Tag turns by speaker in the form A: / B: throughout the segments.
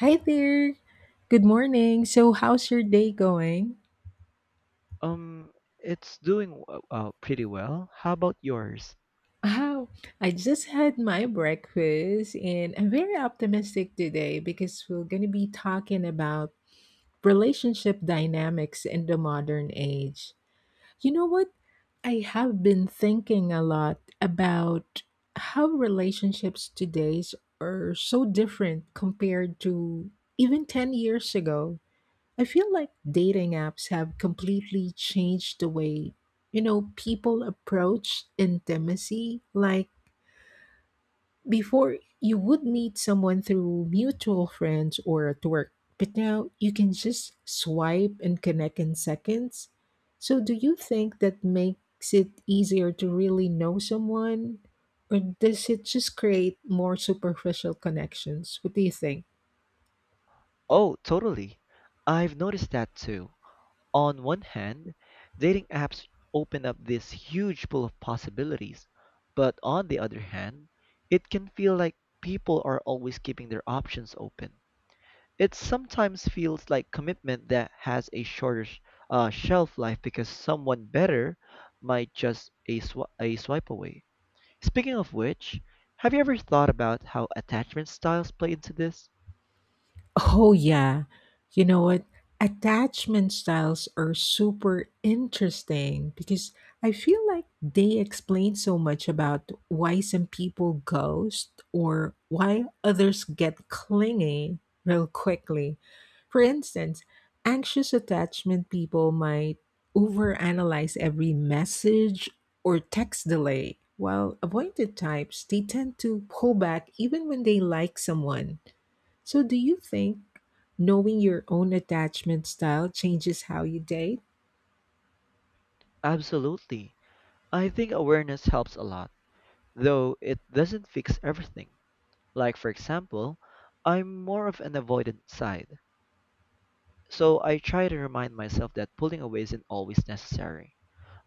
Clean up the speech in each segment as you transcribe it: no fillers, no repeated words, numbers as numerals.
A: Hi there. Good morning. So, how's your day going?
B: Um, it's doing pretty well. How about yours?
A: Oh, I just had my breakfast and I'm very optimistic today because we're going to be talking about relationship dynamics in the modern age. You know what? I have been thinking a lot about how relationships today are so different compared to even 10 years ago. I feel like dating apps have completely changed the way, people approach intimacy. Like before, you would meet someone through mutual friends or at work, but now you can just swipe and connect in seconds. So, do you think that makes it easier to really know someone? Or does it just create more superficial connections? What do you think?
B: Oh, totally. I've noticed that too. On one hand, dating apps open up this huge pool of possibilities, but on the other hand, it can feel like people are always keeping their options open. It sometimes feels like commitment that has a shorter shelf life because someone better might just a swipe away. Speaking of which, have you ever thought about how attachment styles play into this?
A: Oh, yeah. You know what? Attachment styles are super interesting because I feel like they explain so much about why some people ghost or why others get clingy real quickly. For instance, anxious attachment people might overanalyze every message or text delay, while avoidant types, they tend to pull back even when they like someone. So, do you think knowing your own attachment style changes how you date?
B: Absolutely. I think awareness helps a lot, though it doesn't fix everything. Like, for example, I'm more of an avoidant side, so I try to remind myself that pulling away isn't always necessary.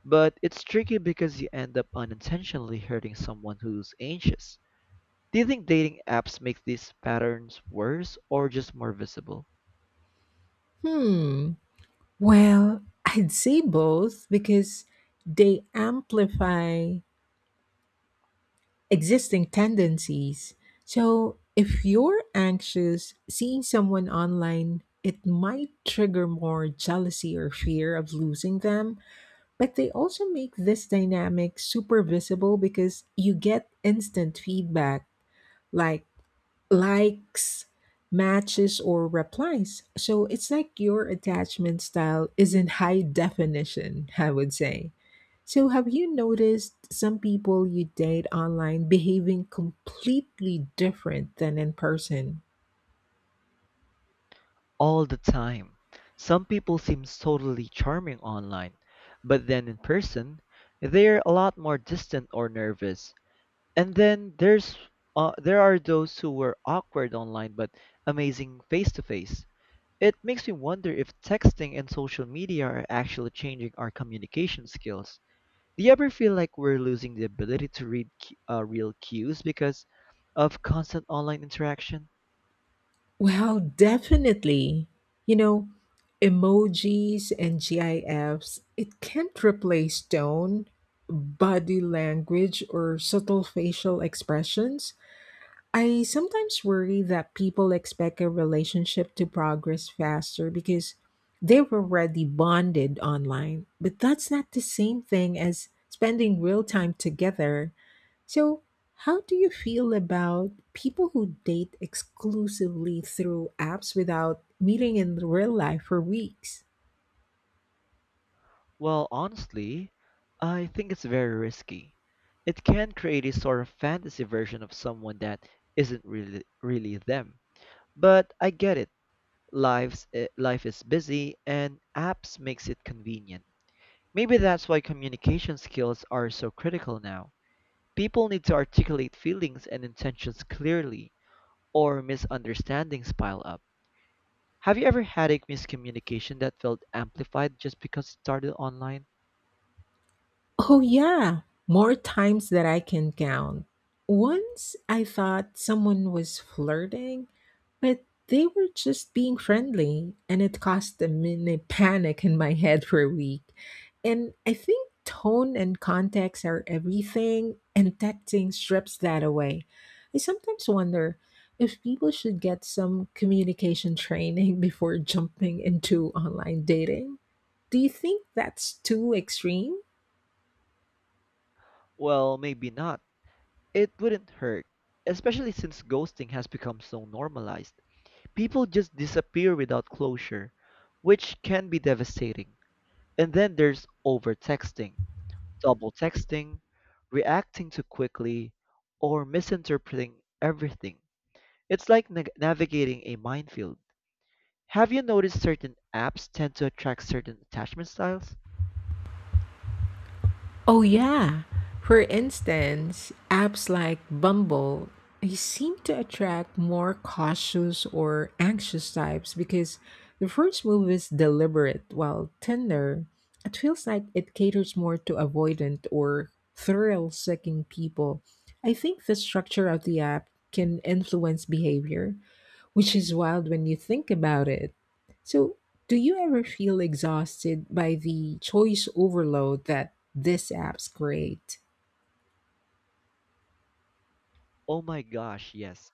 B: But it's tricky because you end up unintentionally hurting someone who's anxious. Do you think dating apps make these patterns worse or just more visible?
A: Hmm. Well, I'd say both because they amplify existing tendencies. So, if you're anxious, seeing someone online, it might trigger more jealousy or fear of losing them, but they also make this dynamic super visible because you get instant feedback like likes, matches, or replies. So it's like your attachment style is in high definition, I would say. So have you noticed some people you date online behaving completely different than in person?
B: All the time. Some people seem totally charming online, but then in person, they're a lot more distant or nervous. And then there's there are those who were awkward online but amazing face to face. It makes me wonder if texting and social media are actually changing our communication skills. Do you ever feel like we're losing the ability to read real cues because of constant online interaction?
A: Well, definitely. You know, emojis and GIFs, it can't replace tone, body language, or subtle facial expressions. I sometimes worry that people expect a relationship to progress faster because they were already bonded online, but that's not the same thing as spending real time together. So, how do you feel about people who date exclusively through apps without meeting in real life for weeks?
B: Well, honestly, I think it's very risky. It can create a sort of fantasy version of someone that isn't really them. But I get it. Life is busy and apps makes it convenient. Maybe that's why communication skills are so critical now. People need to articulate feelings and intentions clearly or misunderstandings pile up. Have you ever had a miscommunication that felt amplified just because it started online?
A: Oh, yeah, more times that I can count. Once I thought someone was flirting, but they were just being friendly, and it caused a mini panic in my head for a week. And I think tone and context are everything, and texting strips that away. I sometimes wonder if people should get some communication training before jumping into online dating. Do you think that's too extreme?
B: Well, maybe not. It wouldn't hurt, especially since ghosting has become so normalized. People just disappear without closure, which can be devastating. And then there's over texting, double texting, reacting too quickly, or misinterpreting everything. It's like nag navigating a minefield. Have you noticed certain apps tend to attract certain attachment styles?
A: Oh, yeah. For instance, apps like Bumble, they seem to attract more cautious or anxious types because the first move is deliberate, while Tinder, it feels like it caters more to avoidant or thrill seeking people. I think the structure of the app can influence behavior, which is wild when you think about it. So, do you ever feel exhausted by the choice overload that these apps create?
B: Oh my gosh, yes.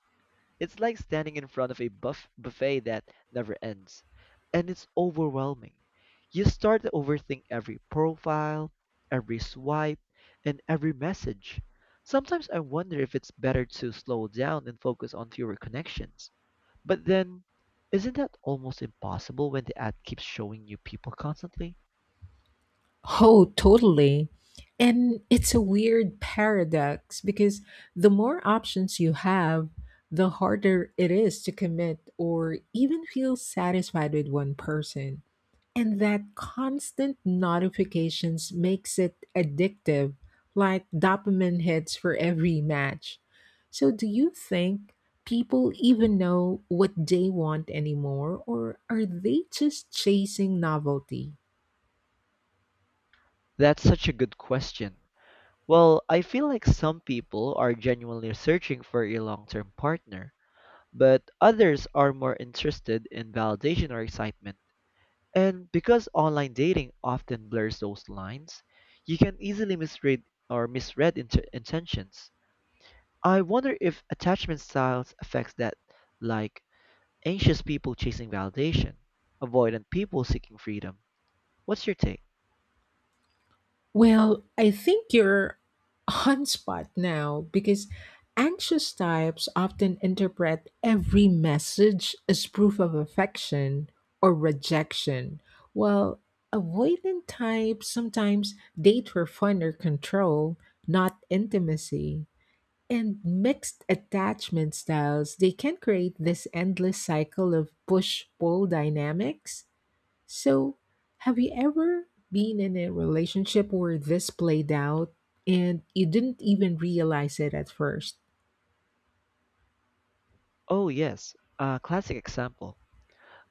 B: It's like standing in front of a buffet that never ends. And it's overwhelming. You start to overthink every profile, every swipe, and every message. Sometimes I wonder if it's better to slow down and focus on fewer connections. But then, isn't that almost impossible when the ad keeps showing you people constantly?
A: Oh, totally. And it's a weird paradox because the more options you have, the harder it is to commit or even feel satisfied with one person. And that constant notifications makes it addictive, like dopamine hits for every match. So, do you think people even know what they want anymore, or are they just chasing novelty?
B: That's such a good question. Well, I feel like some people are genuinely searching for a long term partner, but others are more interested in validation or excitement. And because online dating often blurs those lines, you can easily misread or misread int- intentions. I wonder if attachment styles affects that, like anxious people chasing validation, avoidant people seeking freedom. What's your take?
A: Well, I think you're on spot now because anxious types often interpret every message as proof of affection or rejection, while avoidant types sometimes date for fun or control, not intimacy. And mixed attachment styles, they can create this endless cycle of push pull dynamics. So, have you ever been in a relationship where this played out and you didn't even realize it at first?
B: Oh yes, a classic example.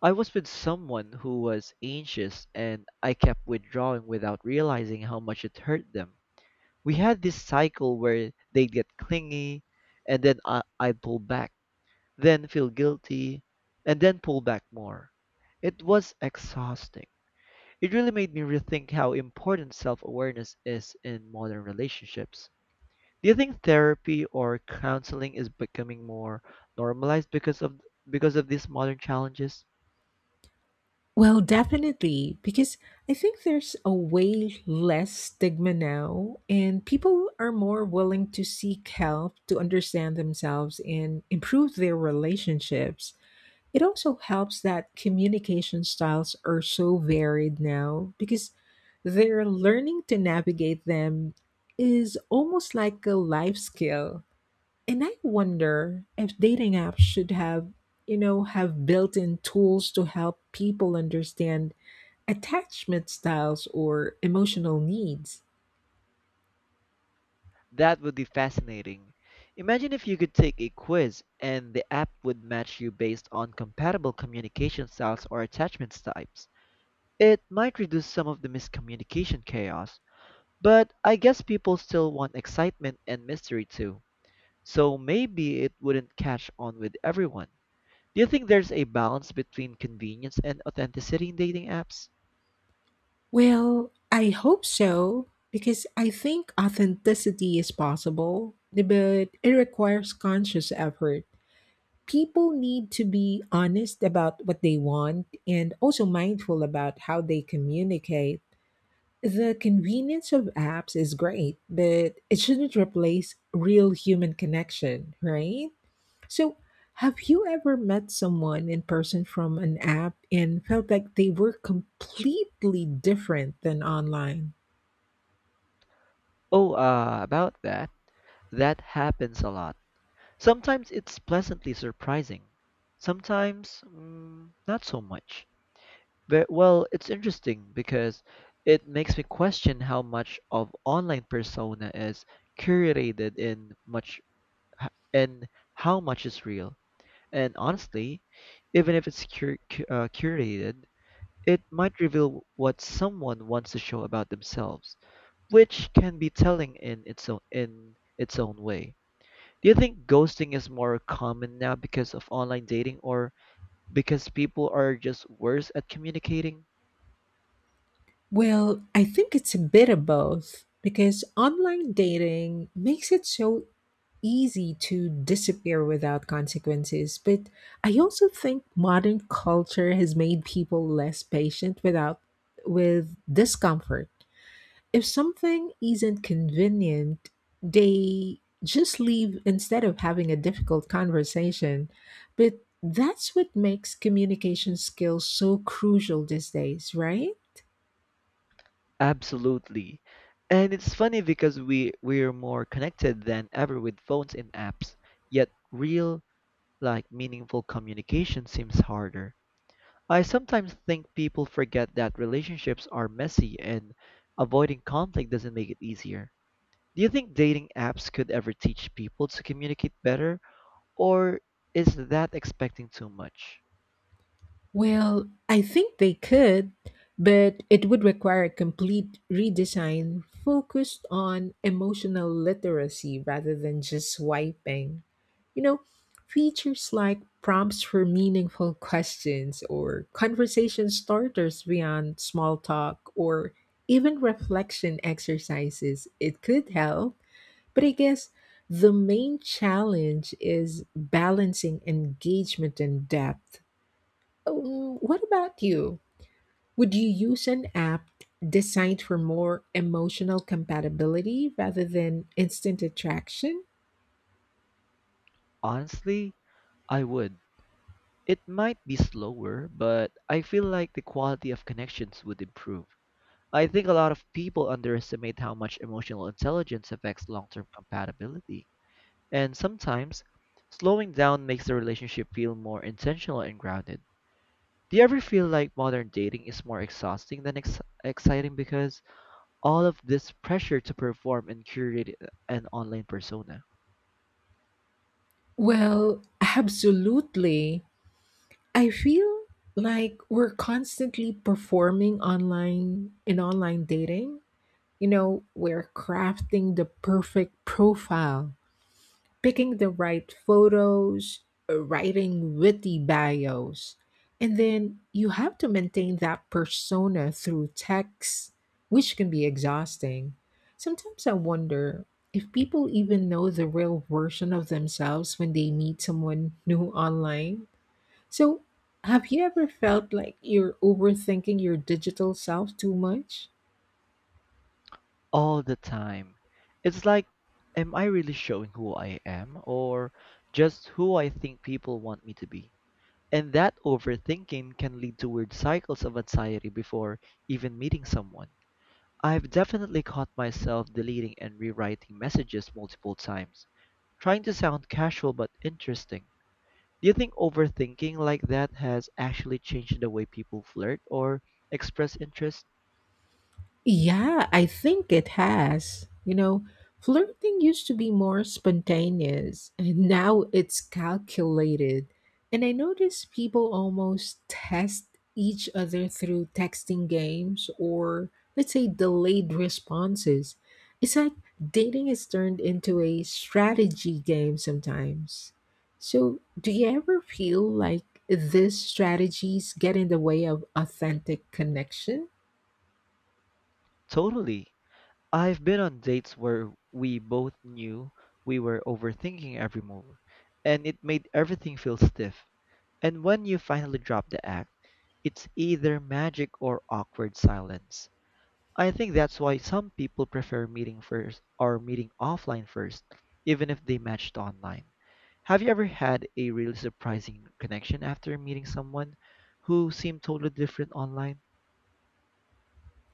B: I was with someone who was anxious and I kept withdrawing without realizing how much it hurt them. We had this cycle where they'd get clingy and then I'd pull back, then feel guilty, and then pull back more. It was exhausting. It really made me rethink how important self awareness is in modern relationships. Do you think therapy or counseling is becoming more normalized because of these modern challenges?
A: Well, definitely, because I think there's a way less stigma now, and people are more willing to seek help to understand themselves and improve their relationships. It also helps that communication styles are so varied now because their learning to navigate them is almost like a life skill. And I wonder if dating apps should have, have built-in tools to help people understand attachment styles or emotional needs.
B: That would be fascinating. Imagine if you could take a quiz and the app would match you based on compatible communication styles or attachment types. It might reduce some of the miscommunication chaos, but I guess people still want excitement and mystery too. So maybe it wouldn't catch on with everyone. Do you think there's a balance between convenience and authenticity in dating apps?
A: Well, I hope so because I think authenticity is possible, but it requires conscious effort. People need to be honest about what they want and also mindful about how they communicate. The convenience of apps is great, but it shouldn't replace real human connection, right? So, have you ever met someone in person from an app and felt like they were completely different than online?
B: Oh, about that. That happens a lot. Sometimes it's pleasantly surprising. Sometimes, not so much. But, well, it's interesting because it makes me question how much of online persona is curated and much and how much is real. And honestly, even if it's curated, it might reveal what someone wants to show about themselves, which can be telling in its own way. Do you think ghosting is more common now because of online dating or because people are just worse at communicating?
A: Well, I think it's a bit of both because online dating makes it so easy to disappear without consequences. But I also think modern culture has made people less patient without with discomfort. If something isn't convenient, they just leave instead of having a difficult conversation. But that's what makes communication skills so crucial these days, right?
B: Absolutely. And it's funny because we're more connected than ever with phones and apps, yet real like meaningful communication seems harder. I sometimes think people forget that relationships are messy and avoiding conflict doesn't make it easier. Do you think dating apps could ever teach people to communicate better? Or is that expecting too much?
A: Well, I think they could, but it would require a complete redesign focused on emotional literacy rather than just swiping. You know, features like prompts for meaningful questions or conversation starters beyond small talk or even reflection exercises, it could help. But I guess the main challenge is balancing engagement and depth. What about you? Would you use an app designed for more emotional compatibility rather than instant attraction?
B: Honestly, I would. It might be slower, but I feel like the quality of connections would improve. I think a lot of people underestimate how much emotional intelligence affects long term compatibility. And sometimes, slowing down makes the relationship feel more intentional and grounded. Do you ever feel like modern dating is more exhausting than exciting because all of this pressure to perform and curate an online persona?
A: Well, absolutely. I feel like we're constantly performing online in online dating. You know, we're crafting the perfect profile, picking the right photos, writing witty bios, and then you have to maintain that persona through text, which can be exhausting. Sometimes I wonder if people even know the real version of themselves when they meet someone new online. So, have you ever felt like you're overthinking your digital self too much?
B: All the time. It's like, am I really showing who I am or just who I think people want me to be? And that overthinking can lead to weird cycles of anxiety before even meeting someone. I've definitely caught myself deleting and rewriting messages multiple times, trying to sound casual but interesting. Do you think overthinking like that has actually changed the way people flirt or express interest?
A: Yeah, I think it has. You know, flirting used to be more spontaneous, and now it's calculated. And I notice people almost test each other through texting games or, let's say, delayed responses. It's like dating is turned into a strategy game sometimes. So, do you ever feel like these strategies get in the way of authentic connection?
B: Totally. I've been on dates where we both knew we were overthinking every move, and it made everything feel stiff. And when you finally drop the act, it's either magic or awkward silence. I think that's why some people prefer meeting first or meeting offline first, even if they matched online. Have you ever had a really surprising connection after meeting someone who seemed totally different online?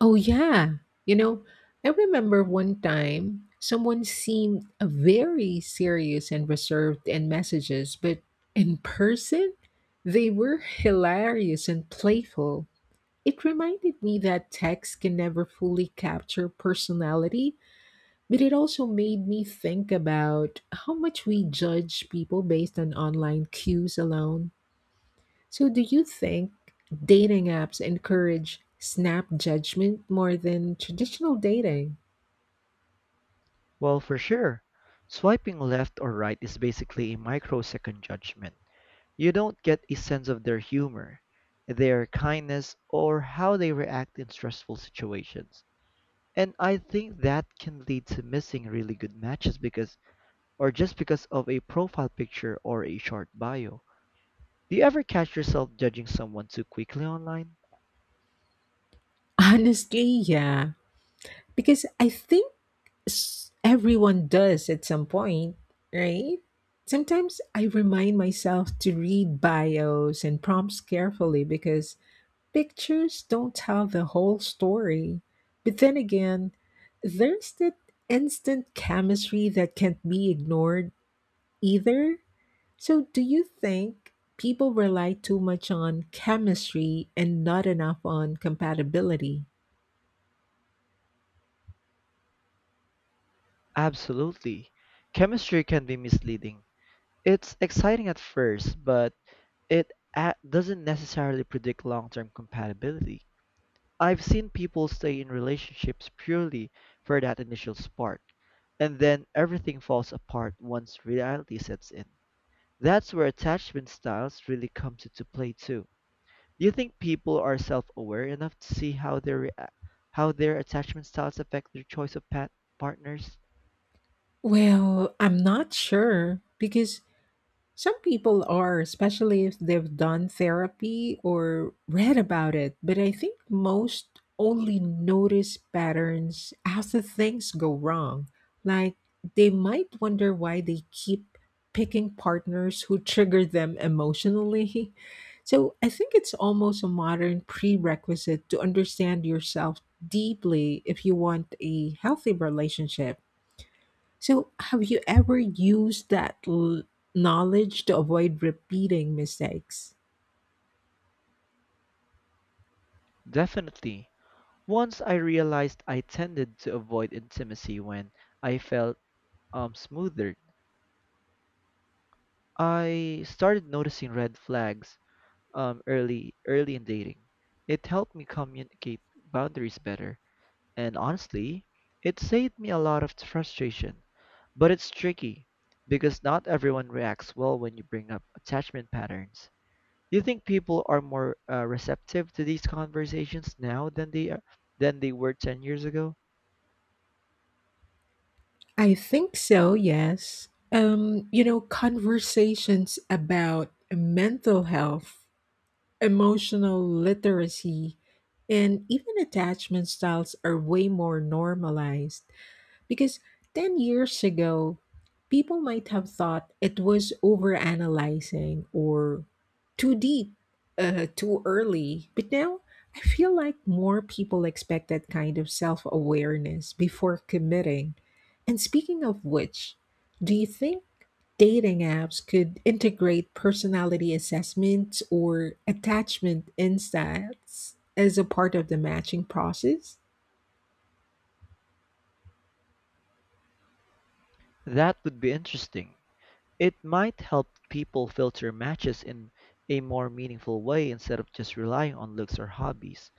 A: Oh, yeah. You know, I remember one time someone seemed very serious and reserved in messages, but in person, they were hilarious and playful. It reminded me that text can never fully capture personality, but it also made me think about how much we judge people based on online cues alone. So, do you think dating apps encourage snap judgment more than traditional dating?
B: Well, for sure. Swiping left or right is basically a microsecond judgment. You don't get a sense of their humor, their kindness, or how they react in stressful situations. And I think that can lead to missing really good matches or just because of a profile picture or a short bio. Do you ever catch yourself judging someone too quickly online?
A: Honestly, yeah. Because I think everyone does at some point, right? Sometimes I remind myself to read bios and prompts carefully because pictures don't tell the whole story. But then again, there's that instant chemistry that can't be ignored either. So, do you think people rely too much on chemistry and not enough on compatibility?
B: Absolutely. Chemistry can be misleading. It's exciting at first, but it doesn't necessarily predict long-term compatibility. I've seen people stay in relationships purely for that initial spark, and then everything falls apart once reality sets in. That's where attachment styles really comes into play too. Do you think people are self-aware enough to see how their attachment styles affect their choice of partners?
A: Well, I'm not sure because some people are, especially if they've done therapy or read about it, but I think most only notice patterns after things go wrong. Like, they might wonder why they keep picking partners who trigger them emotionally. So I think it's almost a modern prerequisite to understand yourself deeply if you want a healthy relationship. So, have you ever used that knowledge to avoid repeating mistakes?
B: Definitely. Once I realized I tended to avoid intimacy when I felt smothered. I started noticing red flags early in dating. It helped me communicate boundaries better, and honestly, it saved me a lot of frustration. But it's tricky because not everyone reacts well when you bring up attachment patterns. Do you think people are more receptive to these conversations now than they are, than they were 10 years ago?
A: I think so, yes. You know, conversations about mental health, emotional literacy, and even attachment styles are way more normalized. Because 10 years ago, people might have thought it was overanalyzing or too deep, too early. But now, I feel like more people expect that kind of self awareness before committing. And speaking of which, do you think dating apps could integrate personality assessments or attachment insights as a part of the matching process?
B: That would be interesting. It might help people filter matches in a more meaningful way instead of just relying on looks or hobbies.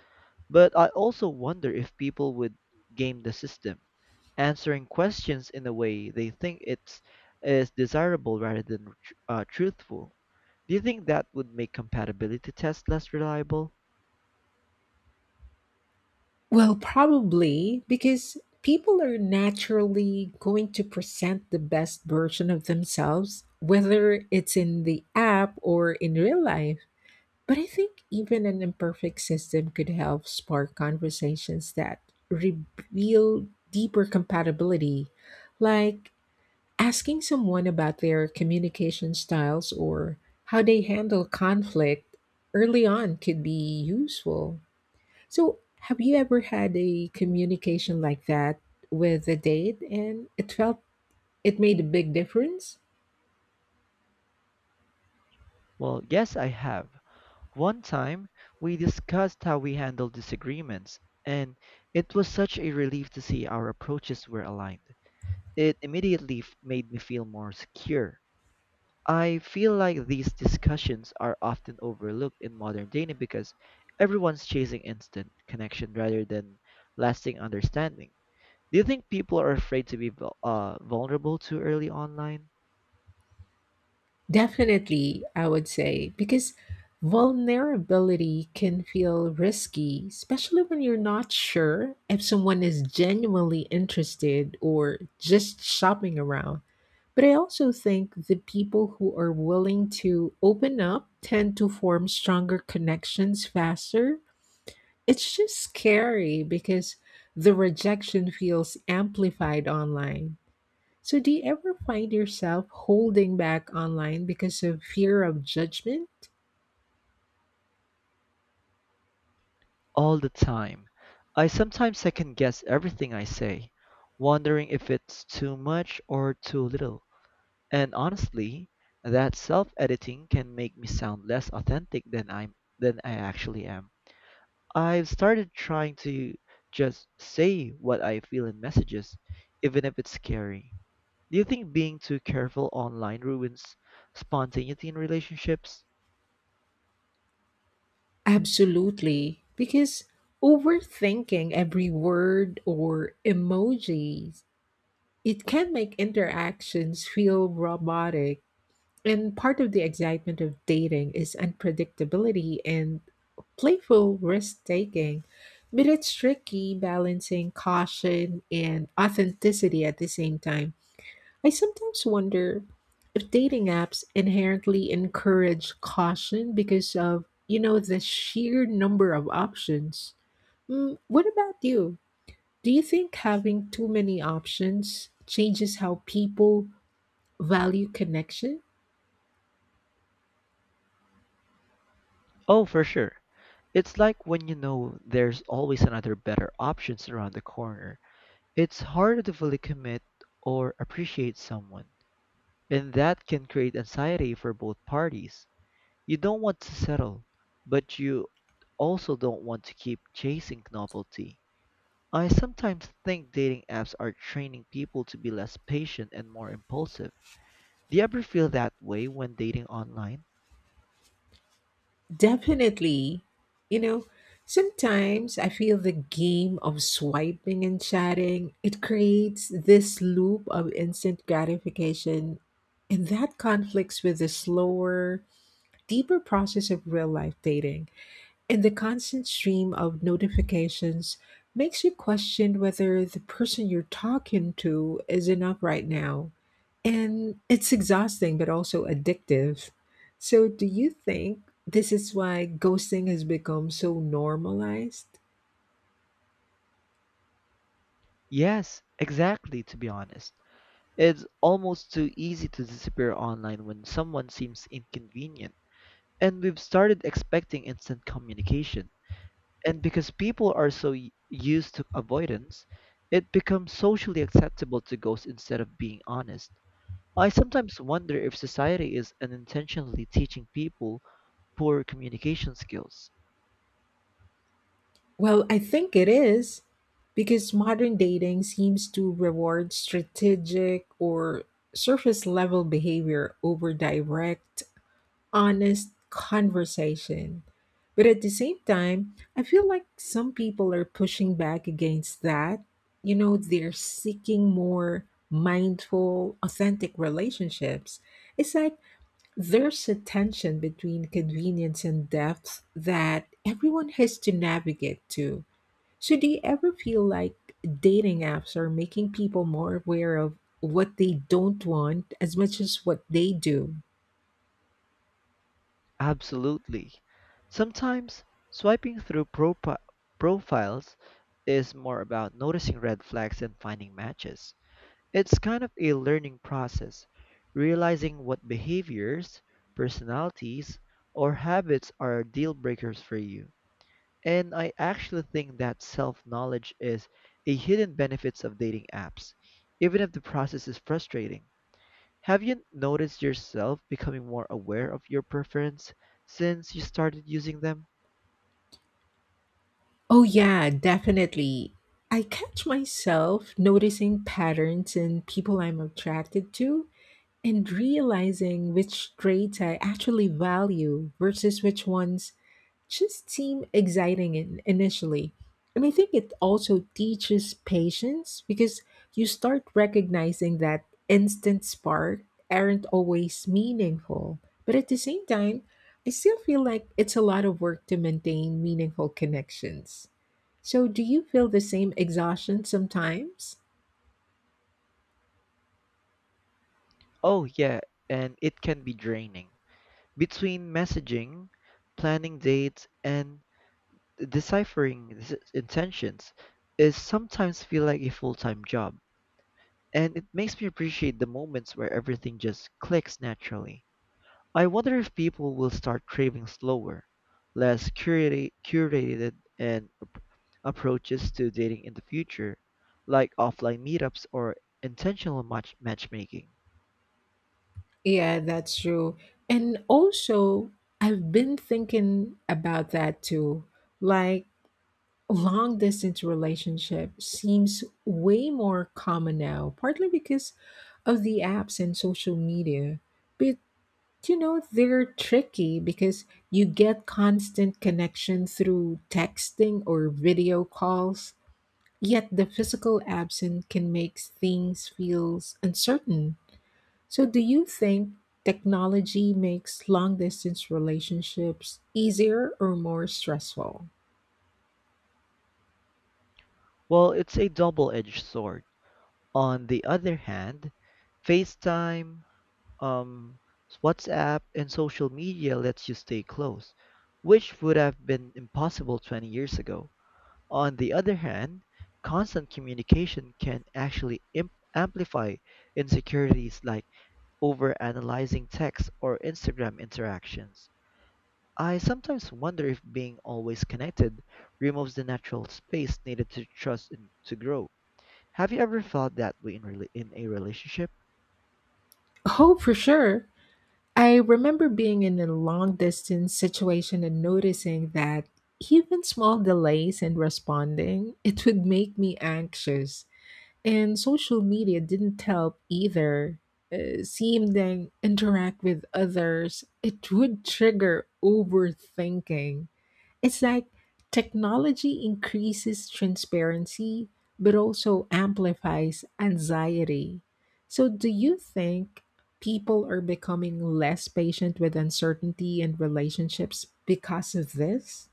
B: But I also wonder if people would game the system, answering questions in a way they think it's is desirable rather than truthful. Do you think that would make compatibility tests less reliable?
A: Well, probably because people are naturally going to present the best version of themselves, whether it's in the app or in real life. But I think even an imperfect system could help spark conversations that reveal deeper compatibility, like asking someone about their communication styles or how they handle conflict early on could be useful. So, have you ever had a communication like that with a date and it felt it made a big difference?
B: Well, yes, I have. One time, we discussed how we handle disagreements, and it was such a relief to see our approaches were aligned. It immediately made me feel more secure. I feel like these discussions are often overlooked in modern dating because everyone's chasing instant connection rather than lasting understanding. Do you think people are afraid to be vulnerable too early online?
A: Definitely, I would say, because vulnerability can feel risky, especially when you're not sure if someone is genuinely interested or just shopping around. But I also think the people who are willing to open up tend to form stronger connections faster. It's just scary because the rejection feels amplified online. So, do you ever find yourself holding back online because of fear of judgment?
B: All the time. I sometimes second guess everything I say, wondering if it's too much or too little. And honestly, that self editing can make me sound less authentic than I actually am. I've started trying to just say what I feel in messages, even if it's scary. Do you think being too careful online ruins spontaneity in relationships?
A: Absolutely. Because overthinking every word or emoji, it can make interactions feel robotic. And part of the excitement of dating is unpredictability and playful risk taking. But it's tricky balancing caution and authenticity at the same time. I sometimes wonder if dating apps inherently encourage caution because of, the sheer number of options. Mm, what about you? Do you think having too many options changes how people value connection?
B: Oh, for sure. It's like when you know there's always another better options around the corner. It's harder to fully commit or appreciate someone, and that can create anxiety for both parties. You don't want to settle, but you also don't want to keep chasing novelty. I sometimes think dating apps are training people to be less patient and more impulsive. Do you ever feel that way when dating online?
A: Definitely. You know, sometimes I feel the game of swiping and chatting, it creates this loop of instant gratification, and that conflicts with the slower, deeper process of real life dating. And the constant stream of notifications makes you question whether the person you're talking to is enough right now. And it's exhausting, but also addictive. So, do you think this is why ghosting has become so normalized?
B: Yes, exactly, to be honest. It's almost too easy to disappear online when someone seems inconvenient. And we've started expecting instant communication. And because people are so used to avoidance, it becomes socially acceptable to ghost instead of being honest. I sometimes wonder if society is unintentionally teaching people poor communication skills.
A: Well, I think it is because modern dating seems to reward strategic or surface level behavior over direct honest conversation. But at the same time, I feel like some people are pushing back against that. You know, they're seeking more mindful, authentic relationships. It's like there's a tension between convenience and depth that everyone has to navigate to. So, do you ever feel like dating apps are making people more aware of what they don't want as much as what they do?
B: Absolutely. Sometimes swiping through profiles is more about noticing red flags and finding matches. It's kind of a learning process, realizing what behaviors, personalities, or habits are deal breakers for you. And I actually think that self-knowledge is a hidden benefits of dating apps, even if the process is frustrating. Have you noticed yourself becoming more aware of your preference since you started using them?
A: Oh, yeah, definitely. I catch myself noticing patterns in people I'm attracted to and realizing which traits I actually value versus which ones just seem exciting in, initially. And I think it also teaches patience because you start recognizing that instant spark aren't always meaningful. But at the same time, I still feel like it's a lot of work to maintain meaningful connections. So, do you feel the same exhaustion sometimes?
B: Oh, yeah, and it can be draining. Between messaging, planning dates, and deciphering intentions is sometimes feel like a full-time job. And it makes me appreciate the moments where everything just clicks naturally. I wonder if people will start craving slower, less curated and approaches to dating in the future, like offline meetups or intentional matchmaking.
A: Yeah, that's true. And also, I've been thinking about that too. Like, long distance relationship seems way more common now, partly because of the apps and social media. But you know, they're tricky because you get constant connection through texting or video calls, yet the physical absence can make things feels uncertain. So do you think technology makes long distance relationships easier or more stressful?
B: Well, it's a double-edged sword. On the other hand, FaceTime, um, WhatsApp, and social media lets you stay close, which would have been impossible 20 years ago. On the other hand, constant communication can actually amplify insecurities like overanalyzing text or Instagram interactions. I sometimes wonder if being always connected removes the natural space needed to trust and to grow. Have you ever felt that way in a relationship?
A: Oh, for sure. I remember being in a long distance situation and noticing that even small delays in responding, it would make me anxious. And social media didn't help either. Seeing them interact with others, it would trigger overthinking. It's like technology increases transparency, but also amplifies anxiety. So, do you think people are becoming less patient with uncertainty in relationships because of this?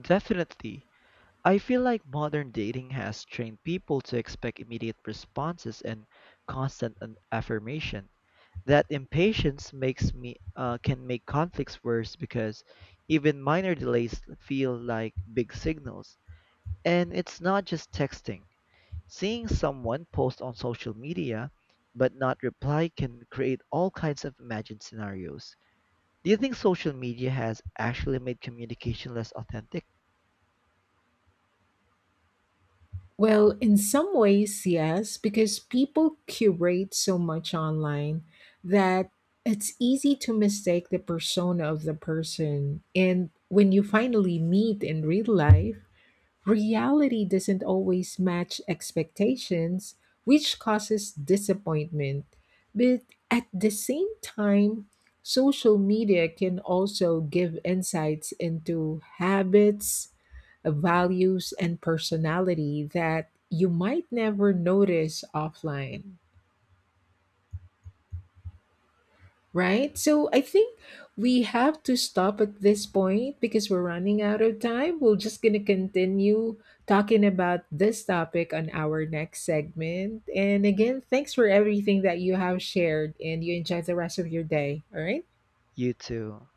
B: Definitely. I feel like modern dating has trained people to expect immediate responses and constant affirmation. That impatience makes me can make conflicts worse because even minor delays feel like big signals. And it's not just texting. Seeing someone post on social media but not reply can create all kinds of imagined scenarios. Do you think social media has actually made communication less authentic?
A: Well, in some ways, yes, because people curate so much online that it's easy to mistake the persona of the person. And when you finally meet in real life, reality doesn't always match expectations, which causes disappointment. But at the same time, social media can also give insights into habits, values, and personality that you might never notice offline. Right? So I think we have to stop at this point because we're running out of time. We're just going to continue talking about this topic on our next segment. And again, thanks for everything that you have shared and you enjoy the rest of your day. All right.
B: You too.